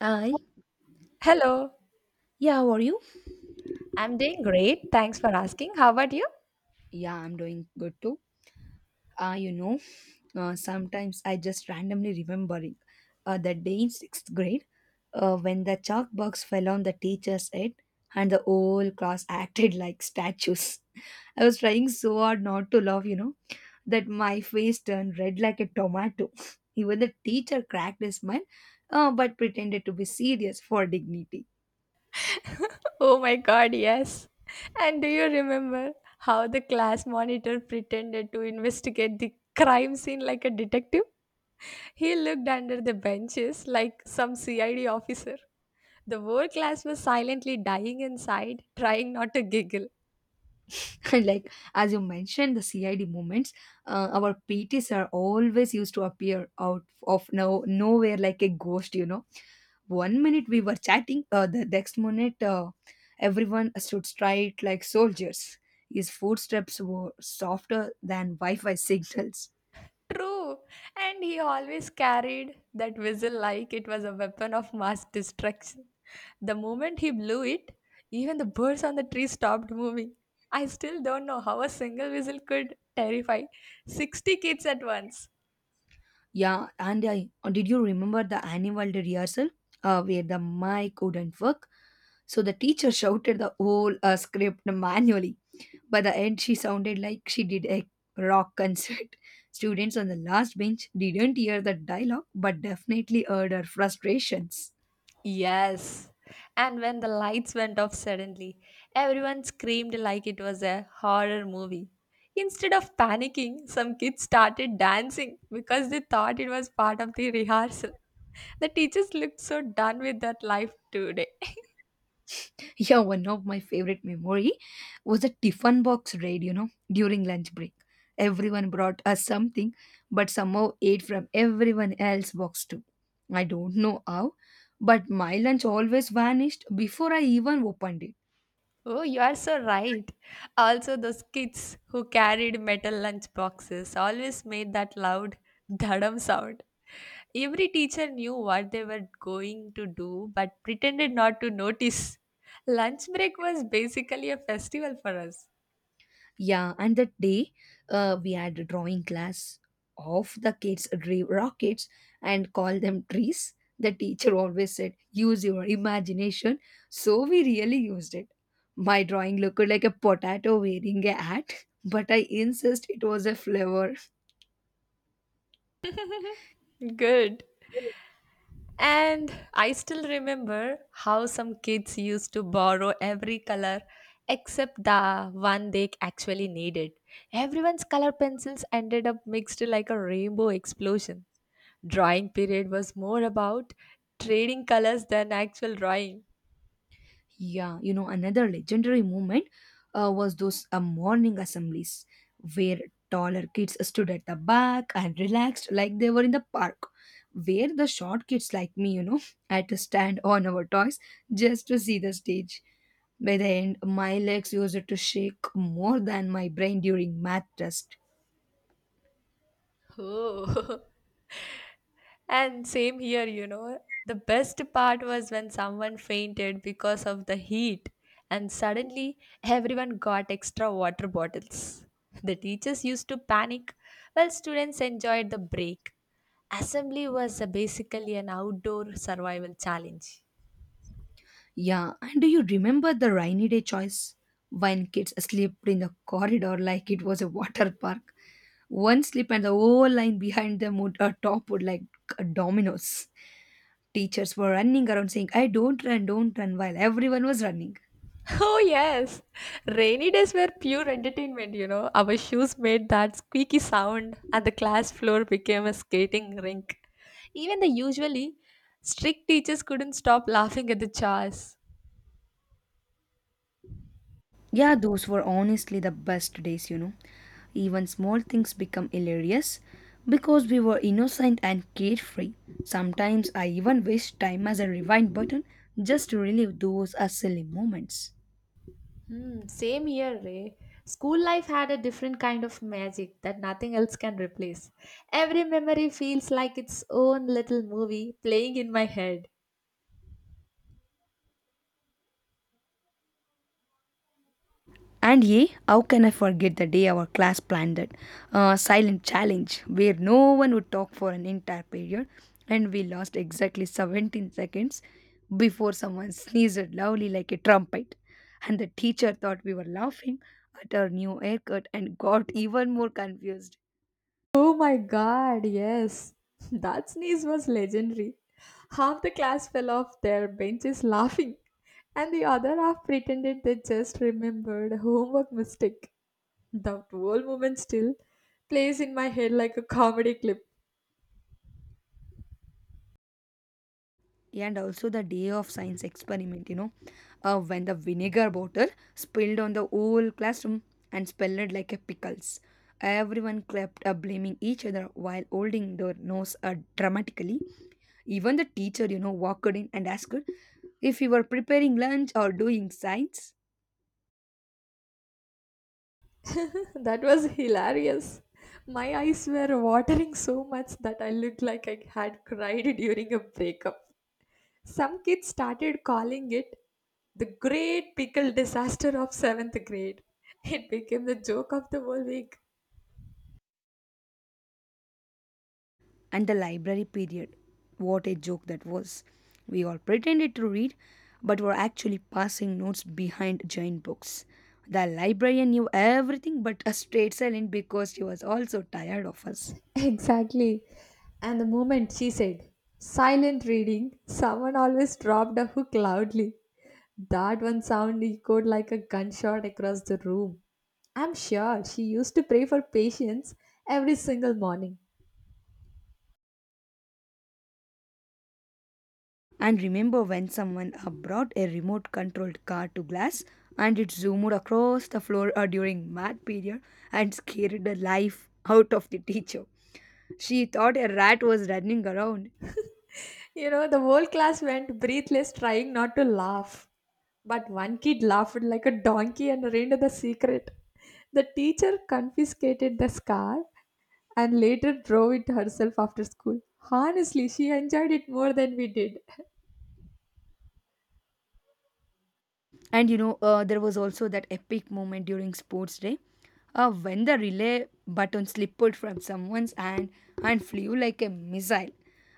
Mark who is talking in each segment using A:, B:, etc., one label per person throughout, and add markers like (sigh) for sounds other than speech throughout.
A: Hi.
B: Hello,
A: Yeah, how are you?
B: I'm doing great. Thanks for asking. How about you?
A: Yeah, I'm doing good too. Uh, you know, sometimes I just randomly remembering that day in sixth grade when the chalk box fell on the teacher's head and the whole class (laughs) acted like statues. I was trying so hard not to laugh, you know, that my face turned red like a tomato. (laughs) Even the teacher cracked his smile, but pretended to be serious for dignity.
B: (laughs) Oh my god, yes. And do you remember how the class monitor pretended to investigate the crime scene like a detective? He looked under the benches like some CID officer. The whole class was silently dying inside, trying not to giggle.
A: (laughs) Like as you mentioned the cid movements, our pts are always used to appear out of no nowhere like a ghost, you know. One minute we were chatting, the next minute, everyone stood straight like soldiers. His footsteps were softer than wi-fi signals.
B: True. And he always carried that whistle like it was a weapon of mass destruction. The moment he blew it, even the birds on the tree stopped moving. I still don't know how a single whistle could terrify 60 kids at once.
A: Yeah, and did you remember the annual day rehearsal where the mic couldn't work, so the teacher (laughs) shouted the whole script manually. By the end, she sounded like she did a rock concert. (laughs) Students on the last bench didn't hear the dialogue but definitely heard her frustrations. (laughs)
B: Yes. And when the lights went off suddenly, everyone screamed like it was a horror movie. Instead of panicking, some kids started dancing because they thought it was part of the rehearsal. The teachers looked so done with that life today. (laughs)
A: Yeah, one of my favorite memory was a tiffin box raid, you know, during lunch break. Everyone brought us something, but somehow ate from everyone else's box too. I don't know how, but my lunch always vanished before I even opened it.
B: Oh, you are so right. Also, those kids who carried metal lunch boxes always made that loud dhadam sound. Every teacher knew what they were going to do but pretended not to notice. Lunch break was basically a festival for us.
A: Yeah, and that day, we had a drawing class of the kids drew rockets and call them trees. The teacher always said, use your imagination. So we really used it. My drawing looked like a potato wearing a hat, (laughs) but I insist it was a flower.
B: Good. And I still remember how some kids used to borrow every color except the one they actually needed. Everyone's color pencils ended up mixed like a rainbow explosion. Drawing period was more about trading colors than actual drawing.
A: Yeah, you know, another legendary movement, was those morning assemblies where taller kids stood at the back and relaxed like they were in the park. Where the short kids like me, you know, (laughs) had to stand on our toys just to see the stage. By the end, my legs used to shake more than my brain during math test.
B: Oh. (laughs) and same here, you know. The best part was when someone fainted because of the heat, and suddenly everyone got extra water bottles. The teachers used to panic while students enjoyed the break. Assembly was basically an outdoor survival challenge.
A: Yeah, and do you remember the rainy day choice? When kids slept in the corridor like it was a water (laughs) park. One slip and the whole line behind them would toppled like dominoes. Teachers were running around saying, I don't run, while everyone was running.
B: (laughs) Oh, yes. Rainy days were pure entertainment, you know. Our shoes made that squeaky sound, and the class floor became a skating rink. Even the usually strict teachers couldn't stop laughing at the chores.
A: Yeah, those were honestly the best days, you know. Even small things become hilarious because we were innocent and carefree. Sometimes I even wish time as a rewind button just to relive those silly moments.
B: Hmm, same here, Ray. School life had a different kind of magic that nothing else can replace. Every memory feels like its own little movie playing in my head.
A: And yea, how can I forget the day our class planned that silent challenge where no one would talk for an entire period, and we lost exactly 17 seconds before someone sneezed loudly like a trumpet. And the teacher thought we were laughing at our new haircut and got even more confused.
B: Oh my god, yes. (laughs) That sneeze was legendary. Half the class fell off their benches laughing, and the other half pretended they just remembered a homework mistake. That whole moment still plays in my head like a comedy clip.
A: And also the day of science experiment, you know, when the vinegar bottle spilled on the whole classroom and smelled like a pickles. Everyone clapped, blaming each other while holding their nose dramatically. Even the teacher, you know, walked in and asked her if you were preparing lunch or doing science.
B: (laughs) That was hilarious. My eyes were watering so much that I looked like I had cried during a breakup. Some kids started calling it the great pickle disaster of seventh grade. It became the joke of the whole week.
A: And the library period. What a joke that was. We all pretended to read, but were actually passing notes behind giant books. The librarian knew everything but a straight silent because she was also tired of us.
B: Exactly. And the moment she said, silent reading, someone always dropped a hook loudly. That one sound echoed like a gunshot across the room. I'm sure she used to pray for patience every single morning.
A: And remember when someone brought a remote controlled car to class and it zoomed across the floor during math period and scared the life out of the teacher. She thought a rat was running around.
B: You know, the whole class went breathless, trying not to laugh. But one kid laughed like a donkey and read the secret. The teacher confiscated the scar and later drove it herself after school. Honestly, she enjoyed it more than we did.
A: And you know, there was also that epic moment during sports day when the relay button slipped from someone's hand and flew like a missile.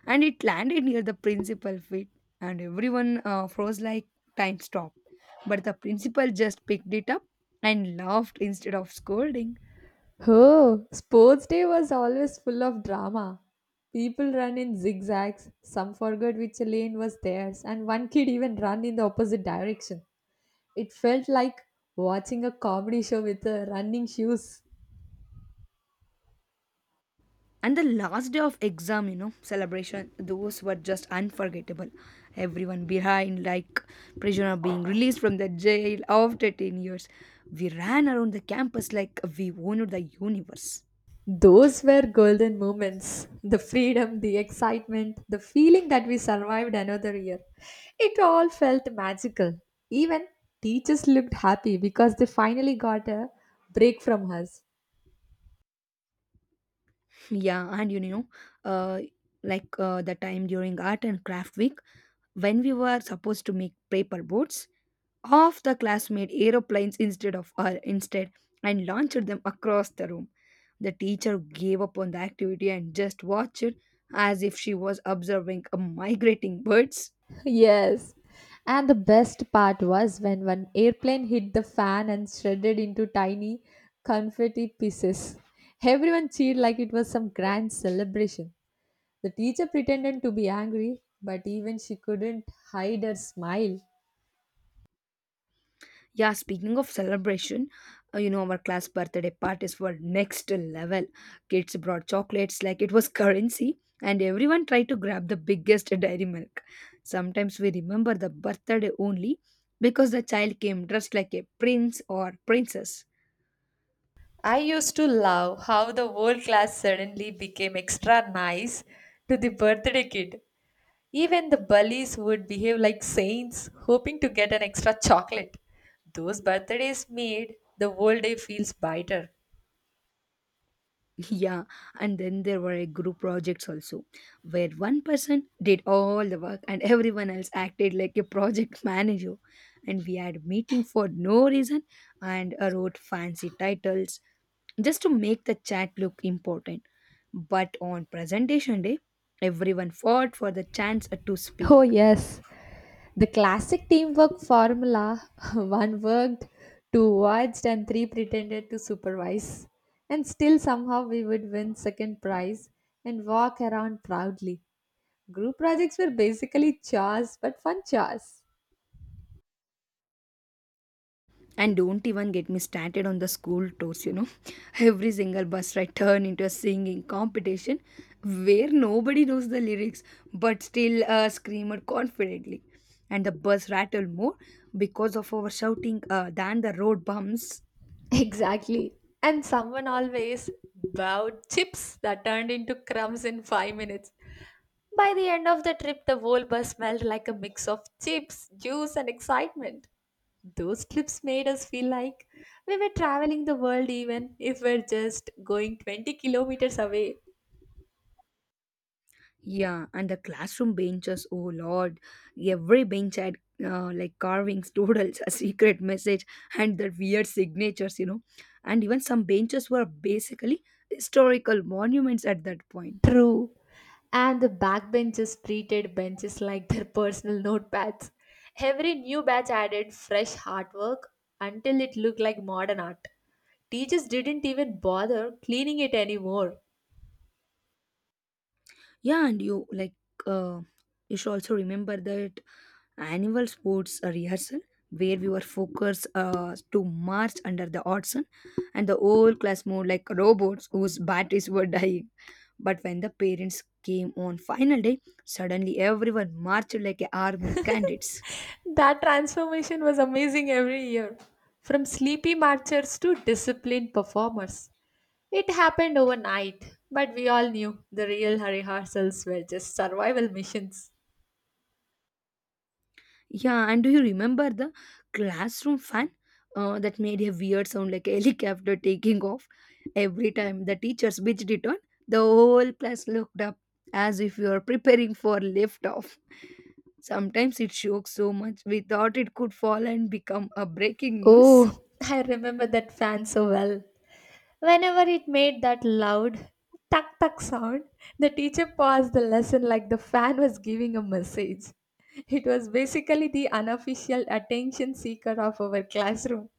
A: And it landed near the principal feet, and everyone froze like time stopped. But the principal just picked it up and laughed instead of scolding.
B: Oh, sports day was always full of drama. People ran in zigzags, some forgot which lane was theirs, and one kid even ran in the opposite direction. It felt like watching a comedy show with running shoes.
A: And the last day of exam, you know, celebration, those were just unforgettable. Everyone behind, like prisoner being released from the jail after 10 years. We ran around the campus like we owned the universe.
B: Those were golden moments. The freedom, the excitement, the feeling that we survived another year. It all felt magical. Even teachers looked happy because they finally got a break from us.
A: Yeah, and you know, uh, the time during art and craft week when we were supposed to make paper boats, half the class made aeroplanes instead and launched them across the room. The teacher gave up on the activity and just watched it as if she was observing a migrating birds.
B: (laughs) Yes. And the best part was when one airplane hit the fan and shredded into tiny confetti pieces. Everyone cheered like it was some grand celebration. The teacher pretended to be angry, but even she couldn't hide her smile.
A: Yeah, speaking of celebration, you know, our class birthday parties were next level. Kids brought chocolates like it was currency, and everyone tried to grab the biggest dairy milk. Sometimes we remember the birthday only because the child came dressed like a prince or princess.
B: I used to love how the whole class suddenly became extra nice to the birthday kid. Even the bullies would behave like saints, hoping to get an extra chocolate. Those birthdays made the whole day feels brighter.
A: Yeah, and then there were a group projects also, where one person did all the work and everyone else acted like a project (laughs) manager. And we had meeting for no reason and wrote fancy titles just to make the chat look important. But on presentation day, everyone fought for the chance to speak.
B: Oh, yes, the classic teamwork formula (laughs) one worked, two watched, and three pretended to supervise. And still, somehow, we would win second prize and walk around proudly. Group projects were basically chores, but fun chores.
A: And don't even get me started on the school tours, you know. (laughs) Every single bus ride turned into a singing competition where nobody knows the lyrics but still screamed confidently. And the bus rattled more because of our shouting than the road bumps.
B: Exactly. And someone always bowed chips that turned into crumbs in 5 minutes. By the end of the trip, the whole bus smelled like a mix of chips, juice, and excitement. Those trips made us feel like we were traveling the world even if we're just going 20 kilometers away.
A: Yeah, and the classroom benches, oh lord, every bench had carvings, (laughs) doodles, a secret message, and their weird signatures, you know. And even some benches were basically historical monuments at that point.
B: True. And the backbenchers treated benches like their personal notepads. Every new batch added fresh artwork until it looked like modern art. Teachers didn't even bother cleaning it anymore.
A: Yeah, and uh, you should also remember that annual sports rehearsal where we were focused to march under the hot sun, and the whole class moved like robots whose batteries were dying. But when the parents came on final day, suddenly everyone marched like a army candidates.
B: That transformation was amazing every year. From sleepy marchers to disciplined performers. It happened overnight, but we all knew the real rehearsals were just survival missions.
A: Yeah, and do you remember the classroom fan that made a weird sound like a helicopter taking off? Every time the teacher switched it on, the whole class looked up as if we were preparing for liftoff. Sometimes it shook so much we thought it could fall and become a breaking news.
B: Oh, I remember that fan so well. Whenever it made that loud tuck tuck sound, the teacher paused the lesson like the fan was giving a message. It was basically the unofficial attention seeker of our classroom.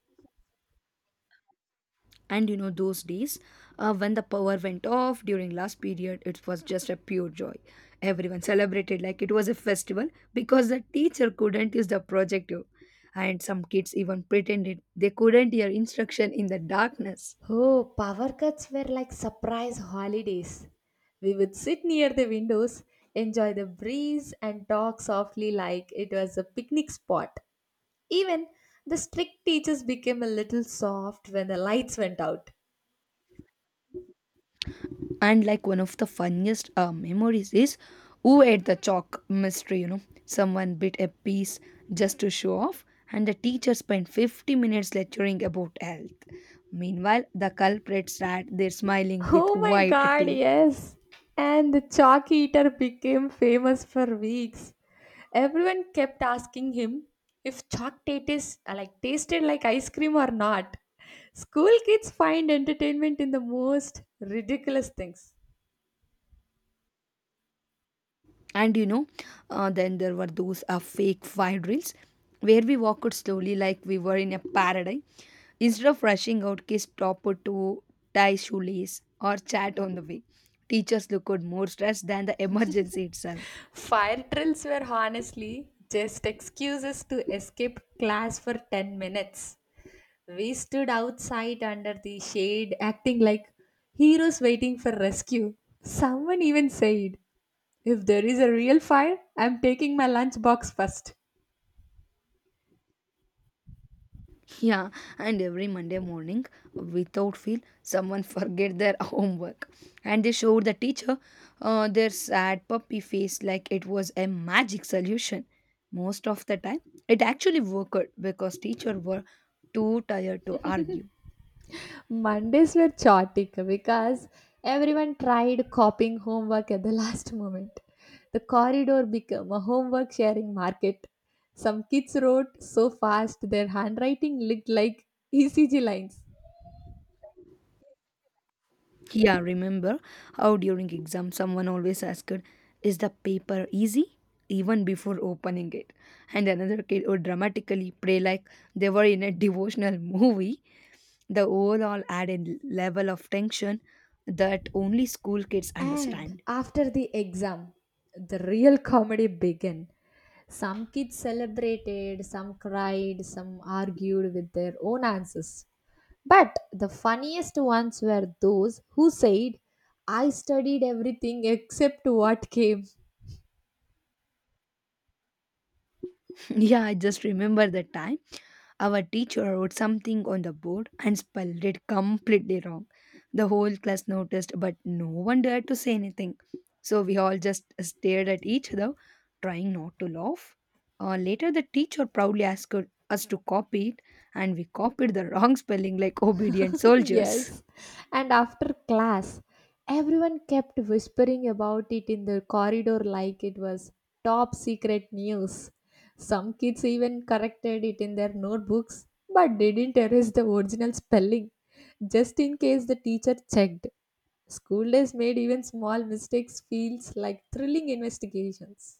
A: And you know, those days when the power went off during last period, it was just a pure joy. Everyone celebrated like it was a festival because the teacher couldn't use the projector. And some kids even pretended they couldn't hear instruction in the darkness.
B: Oh, power cuts were like surprise holidays. We would sit near the windows, enjoy the breeze, and talk softly like it was a picnic spot. Even the strict teachers became a little soft when the lights went out.
A: And like one of the funniest memories is who ate the chalk mystery, you know. Someone bit a piece just to show off, and the teacher spent 50 minutes lecturing about health. Meanwhile, the culprits sat there smiling with
B: Oh my
A: white
B: god,
A: teeth.
B: yes! And the chalk eater became famous for weeks. Everyone kept asking him if chalk tatis, like tasted like ice cream or not. School kids find entertainment in the most ridiculous things.
A: And you know, then there were those fake fire drills where we walked slowly like we were in a paradise. Instead of rushing out, kids stopped to tie shoelace or chat on the way. Teachers looked more stressed than the emergency itself.
B: Fire drills were honestly just excuses to escape class for 10 minutes. We stood outside under the shade acting like heroes waiting for rescue. Someone even said, If there is a real fire, I'm taking my lunchbox first.
A: Yeah, and every Monday morning, without fail, someone forget their (laughs) homework, and they showed the teacher their sad puppy face like it was a magic solution. Most of the time, it actually worked because teacher were too tired to argue.
B: Mondays were chaotic because everyone tried copying homework at the last moment. The corridor became a homework sharing market. Some kids wrote so fast their handwriting looked like ECG lines.
A: Yeah, remember how during exam someone always asked, "Is the paper easy?" even before opening it, and another kid would dramatically pray like they were in a devotional (laughs) movie. The overall added level of tension that only school kids
B: And
A: understand.
B: after the exam, the real comedy began. Some kids celebrated, some cried, some argued with their own answers. But the funniest ones were those who said, I studied everything except what came.
A: (laughs) Yeah, I just remember the time our teacher wrote something on the board and spelled it completely wrong. The whole class noticed, but no one dared to say anything. So we all just stared at each other, trying not to laugh. Later, the teacher proudly asked us to copy it, and we copied the wrong spelling like (laughs) obedient
B: (laughs)
A: soldiers.
B: Yes. And after class, everyone kept whispering about it in the corridor like it was top secret news. Some kids even corrected it in their notebooks but didn't erase the original spelling just in case the teacher checked. School days made even small mistakes feels like thrilling investigations.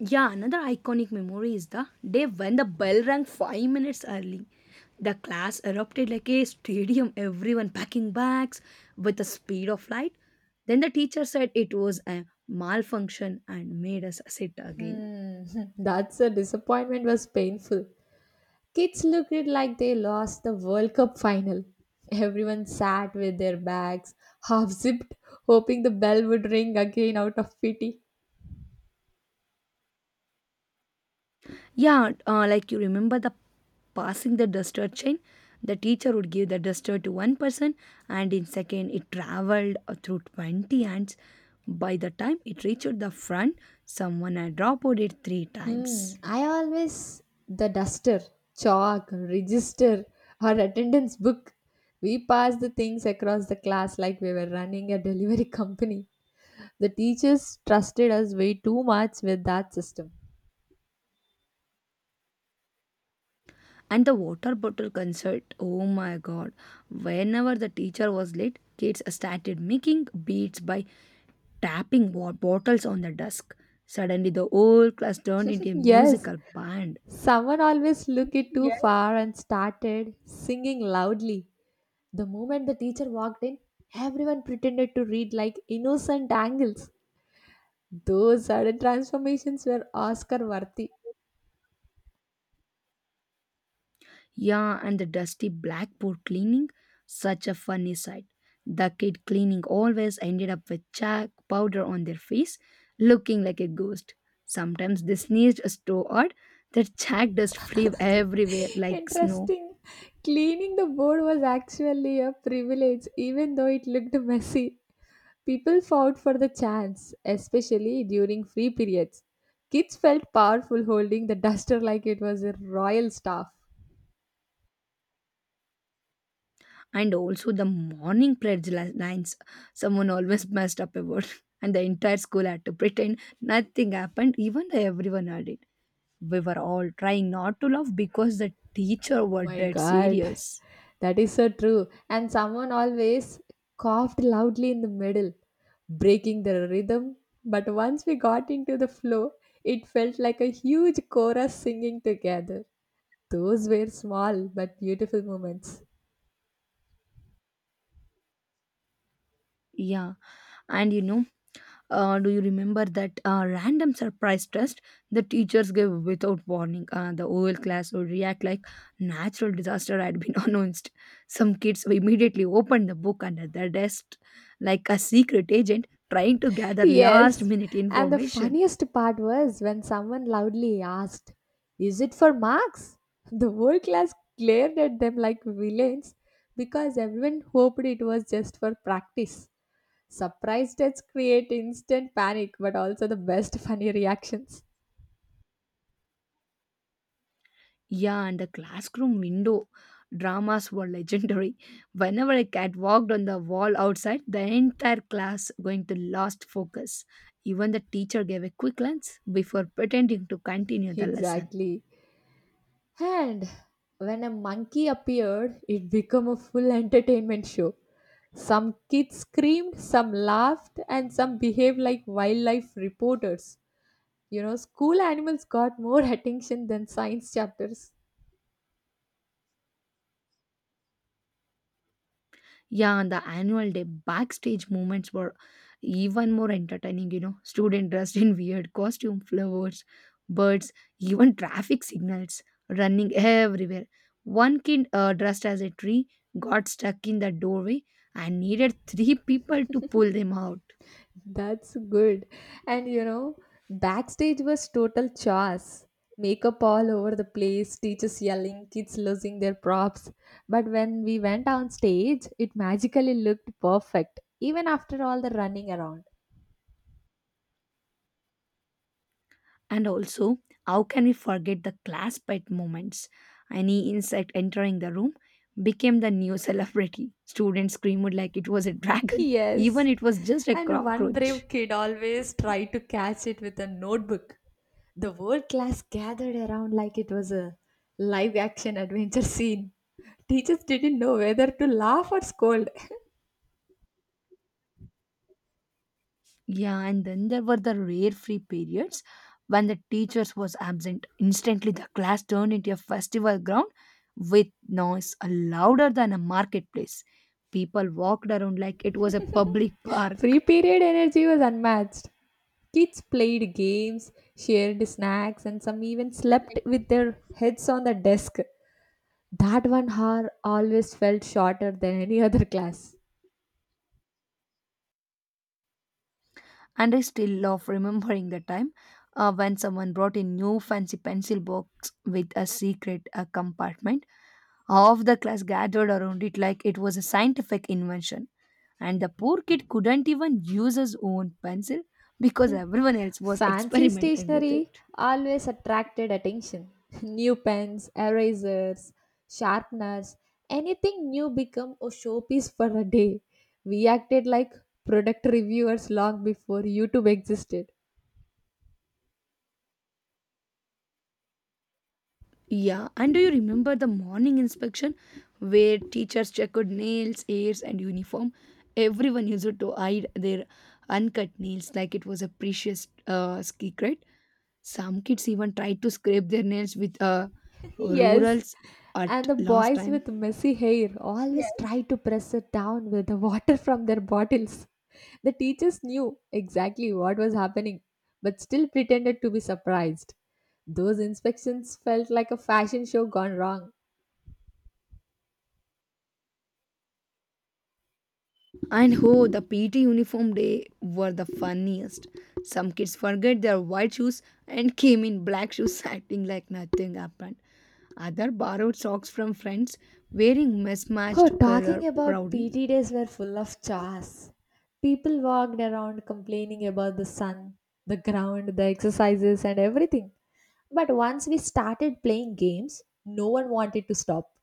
A: Yeah, another iconic memory is the day when the bell rang five minutes early. The class erupted like a stadium, everyone packing bags with the speed of light. Then the teacher said it was a malfunction and made us sit again.
B: Hmm, (laughs) that's a disappointment was painful. Kids looked it like they lost the World Cup final. Everyone sat with their bags half zipped, hoping the bell would ring again out of pity.
A: Yeah, you remember the passing the duster chain? The teacher would give the duster to one person, and in second, it traveled through 20 hands. By the time it reached the front, someone had dropped it three
B: Hmm,
A: times.
B: I always the duster, chalk, register, or attendance book. We passed the things across the class like we were running a delivery (laughs) company. The teachers trusted us way too much with that system.
A: And the water bottle concert, oh my god. Whenever the teacher was late, kids started making beats by tapping wa- bottles on the desk. Suddenly, the whole class turned into
B: (laughs)
A: a
B: Yes,
A: musical band.
B: someone always looked it too far and started singing loudly. The moment the teacher walked in, everyone pretended to read like innocent angels. Those sudden transformations were Oscar worthy.
A: Yeah, and the dusty blackboard cleaning, such a funny sight. The kid cleaning always ended up with chalk powder on their face, looking like a ghost. Sometimes they sneezed so hard that chalk dust flew everywhere like snow.
B: Interesting. Cleaning the board was actually a privilege, even though it looked messy. People fought for the chance, especially during free periods. Kids felt powerful holding the duster like it was a royal staff.
A: And also the morning lines, someone always messed up about (laughs) and the entire school had to pretend nothing happened even though everyone heard it. We were all trying not to laugh because the teacher
B: Oh
A: were
B: my
A: dead
B: god,
A: serious.
B: (laughs) that is so true. And someone always coughed loudly in the middle, breaking the rhythm. But once we got into the flow, it felt like a huge chorus singing together. Those were small but beautiful moments.
A: Yeah. and you know Do you remember that random surprise test the teachers gave without warning? The whole class would react like natural disaster had been (laughs) announced. Some kids immediately opened the book under their desk like a secret agent trying to gather last
B: Yes,
A: minute
B: and the
A: information.
B: funniest part was when someone loudly asked, Is it for marks? The whole class glared at them like villains because everyone hoped it was just for practice. Surprise tests create instant panic, but also the best (laughs) funny reactions.
A: Yeah, and the classroom window dramas were legendary. Whenever a cat walked on the wall outside, the entire class going to lost focus. Even the teacher gave a quick glance before pretending to continue the lesson.
B: Exactly. And when a monkey appeared, it became a full entertainment show. Some kids screamed, some laughed, and some behaved like wildlife reporters. You know, school animals got more (laughs) attention than science chapters.
A: Yeah, on the annual day, backstage moments were even more entertaining, Student dressed in weird costume, flowers, birds, even traffic signals running everywhere. One kid dressed as a tree got stuck in the doorway and needed three people to pull them out.
B: That's good. And you know, backstage was total chaos. Makeup all over the place, teachers yelling, kids losing their props. But when we went on stage, it magically looked perfect, even after all the running around.
A: And also, how can we forget the class pet moments? Any insect entering the room became the new (laughs) celebrity. Students screamed like it was a
B: (laughs)
A: dragon,
B: Yes.
A: even it was just a
B: And one brave
A: cockroach.
B: kid always tried to catch it with a notebook. The whole class gathered around like it was a live action adventure scene. Teachers didn't know whether to laugh or scold.
A: Yeah, and then there were the rare free periods when the teachers was absent. Instantly, the class turned into a festival ground with noise louder than a marketplace. People walked around like it was a public park.
B: Free period energy was unmatched. Kids played games, shared snacks, and some even slept with their heads on the desk. That one hour always felt shorter than any (laughs) other class.
A: And I still love remembering the time when someone brought a new fancy pencil box with a secret compartment. Half the class gathered around it like it was a scientific invention, and the poor kid couldn't even use his own pencil because everyone else was (laughs)
B: Fancy
A: experimenting with
B: stationery
A: it.
B: always attracted attention. (laughs) New pens, erasers, sharpeners, anything new became a showpiece for a day. We acted like product reviewers long before YouTube existed.
A: Yeah, and do you remember the morning inspection where teachers checked nails, ears, and uniform? Everyone used to hide their uncut nails like it was a precious secret. Some kids even tried to scrape their nails with
B: Yes.
A: rurals at
B: And the
A: last
B: boys
A: time.
B: with messy hair always try to press it down with the water from their bottles. The teachers knew exactly what was happening, but still pretended to be surprised. Those inspections felt like a fashion show gone wrong.
A: And oh, the PT uniform day were the funniest. Some kids forget their white shoes and came in black shoes (laughs) acting like nothing happened. Other borrowed socks from friends wearing
B: Oh,
A: mismatched color
B: talking about
A: proudly.
B: PT days were full of chores. People walked around complaining about the sun, the ground, the exercises, and everything. But once we started playing games, no one wanted to stop.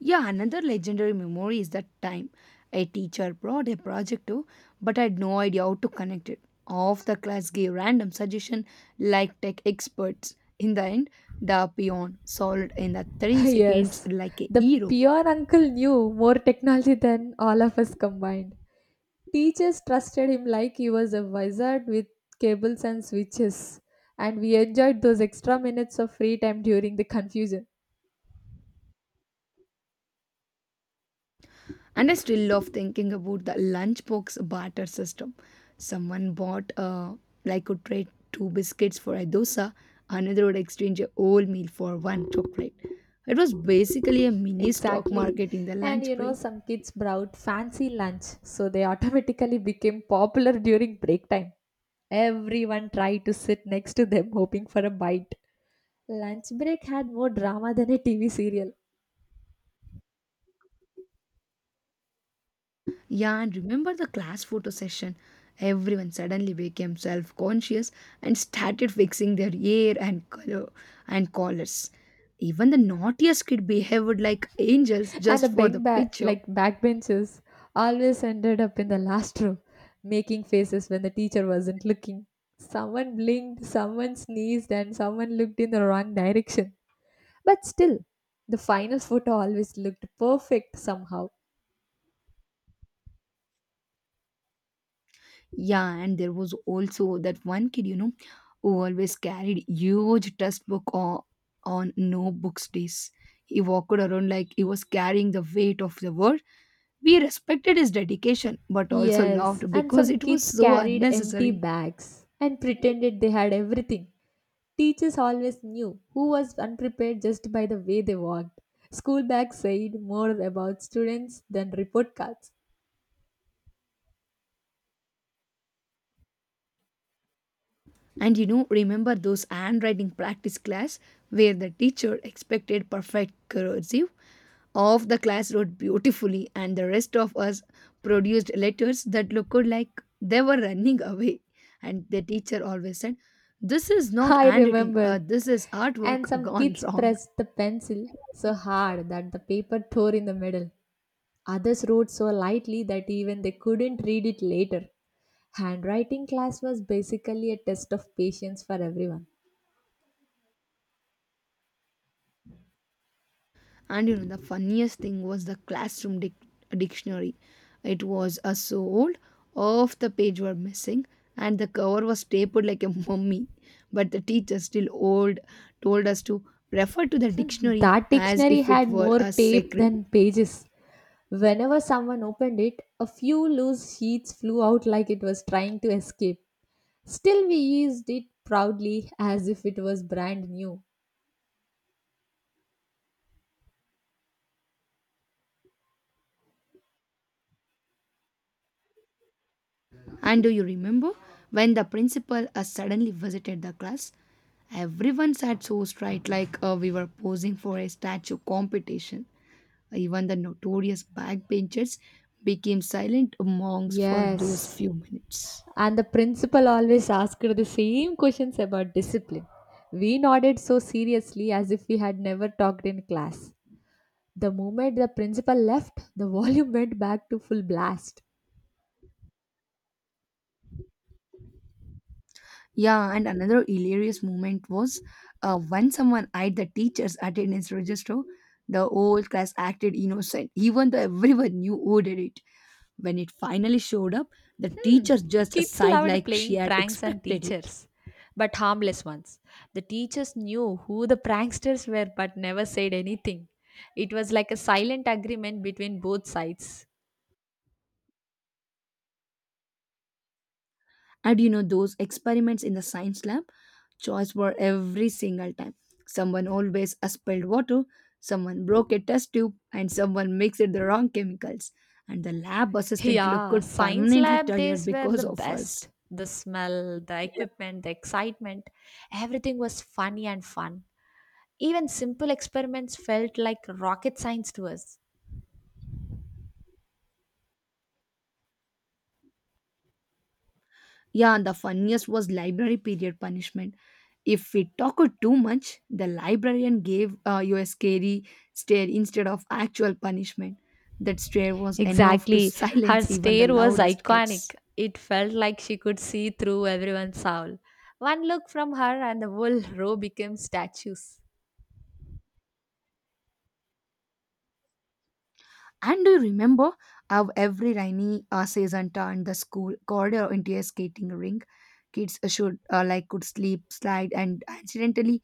A: Yeah, another legendary memory is that time a teacher brought a project to, but I had no idea how to connect it. Half the class gave random suggestion like tech experts. In the end, the peon solved in the
B: (laughs)
A: 3 seconds
B: Yes,
A: like a
B: the
A: hero.
B: pure uncle knew more technology than all of us combined. Teachers trusted him like he was a wizard with cables and switches, and we enjoyed those extra minutes of free time during the confusion.
A: And I still love thinking about the lunchbox barter system. Someone bought like could trade two biscuits for a dosa, another would exchange a whole meal for one chocolate. It was basically a mini stock
B: Exactly.
A: market in the
B: And
A: lunch
B: you know,
A: break.
B: some kids brought fancy lunch, so they automatically became popular during break time. Everyone tried to sit next to them, hoping for a bite. Lunch break had more drama than a TV serial.
A: Yeah, and remember the class photo session? Everyone suddenly became self conscious and started fixing their hair and color and collars. Even the naughtiest kid behaved like angels
B: And the
A: just for the
B: big back
A: picture.
B: like backbenchers always ended up in the last row, making faces when the teacher wasn't looking. Someone blinked, someone sneezed, and someone looked in the wrong direction. But still, the final photo always looked perfect somehow.
A: Yeah, and there was also that one kid, who always carried huge textbook on no books days. He walked around like he was carrying the weight of the world. We respected his dedication, but also
B: Yes,
A: laughed
B: and
A: because
B: some
A: it was
B: kids
A: so
B: carried empty
A: unnecessary.
B: bags and pretended they had everything. Teachers always knew who was unprepared just by the way they walked. School bags said more about students than report cards.
A: Remember those handwriting practice class where the teacher expected perfect cursive? Half the class wrote beautifully, and the rest of us produced letters that looked like they were running away. And the teacher always said, "This is not
B: I
A: handwriting,
B: remember.
A: this is
B: And
A: artwork
B: some
A: gone
B: kids
A: wrong."
B: pressed the pencil so hard that the paper tore in the middle. Others wrote so lightly that even they couldn't read it later. Handwriting class was basically a test of patience for everyone.
A: The funniest thing was the classroom dictionary. It was so old, half the page were missing, and the cover was stapled like a mummy. But the teacher, still old, told us to refer to the dictionary
B: That
A: as
B: dictionary
A: if
B: had
A: it were
B: more
A: a
B: tape
A: sacred.
B: than pages. Whenever someone opened it, a few loose sheets flew out like it was trying to escape. Still, we used it proudly as if it was brand new.
A: And do you remember when the principal suddenly visited the class? Everyone sat so straight, like we were posing for a statue competition. Even the notorious backbenchers became silent monks for those
B: Yes,
A: few minutes.
B: and the principal always asked the same questions about discipline. We nodded so seriously as if we had never talked in class. The moment the principal left, the (laughs) volume went back to full blast.
A: Yeah, and another hilarious moment was when someone eyed the teacher's attendance register, the whole class acted innocent, even though everyone knew who did it. When it finally showed up, the teacher just
B: Kids
A: sighed
B: loved
A: like she
B: playing
A: had
B: pranks on
A: expected it.
B: teachers, but harmless ones. The teachers knew who the pranksters were but never said anything. It was like a silent agreement between both sides.
A: And you know, those experiments in the science lab, choice were every single time. Someone always spilled water, someone broke a test tube, and someone mixed the wrong chemicals. And the lab assistant looked
B: Yeah, science
A: permanently
B: lab
A: tired
B: days were the
A: because of
B: best.
A: us.
B: The smell, the equipment, the excitement, everything was funny and fun. Even simple experiments felt like rocket science to us.
A: Yeah, and the funniest was library period punishment. If we talked too much, the librarian gave you a scary stare instead of actual punishment. That stare was enough to (laughs)
B: Exactly. Her
A: silence even the
B: stare was
A: loudest
B: iconic.
A: kids.
B: It felt like she could see through everyone's soul. One look from her, and the whole row became statues.
A: And do you remember how every rainy season turned the school corridor into a skating rink? Kids should like could sleep, slide, and accidentally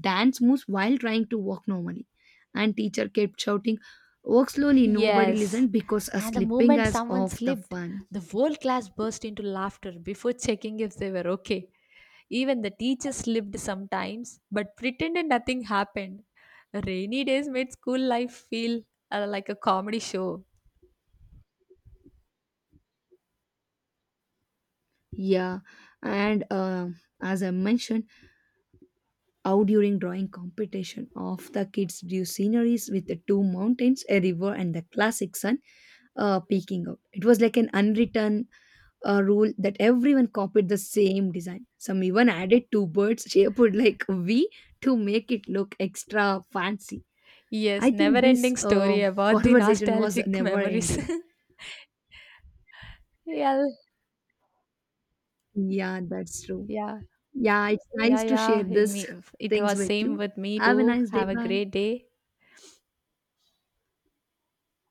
A: dance moves while trying to walk normally. And teacher kept shouting, "Walk slowly." Nobody
B: Yes.
A: listened because a
B: And the
A: slipping
B: moment
A: as
B: someone
A: of the
B: slipped,
A: fun.
B: the whole class burst into laughter before (laughs) checking if they were okay. Even the teacher slipped sometimes, but pretended nothing happened. Rainy days made school life feel like a comedy show.
A: Yeah, and as I mentioned, how during drawing competition, of the kids drew sceneries with the two mountains, a river, and the classic sun peeking out. It was like an unwritten a rule that everyone copied the same design. Some even added two birds shaped (laughs) like a V to make it look extra fancy. I
B: Yes, never
A: think this
B: ending story
A: (laughs)
B: about the
A: conversation was
B: nostalgic
A: never
B: memories.
A: ending.
B: (laughs) yeah,
A: Yeah, that's true.
B: yeah,
A: Yeah, it's
B: yeah,
A: nice to share
B: yeah.
A: these (laughs)
B: It
A: things
B: was
A: with
B: same
A: you.
B: with me
A: Have a
B: too.
A: nice day.
B: Have a
A: Bye.
B: great day.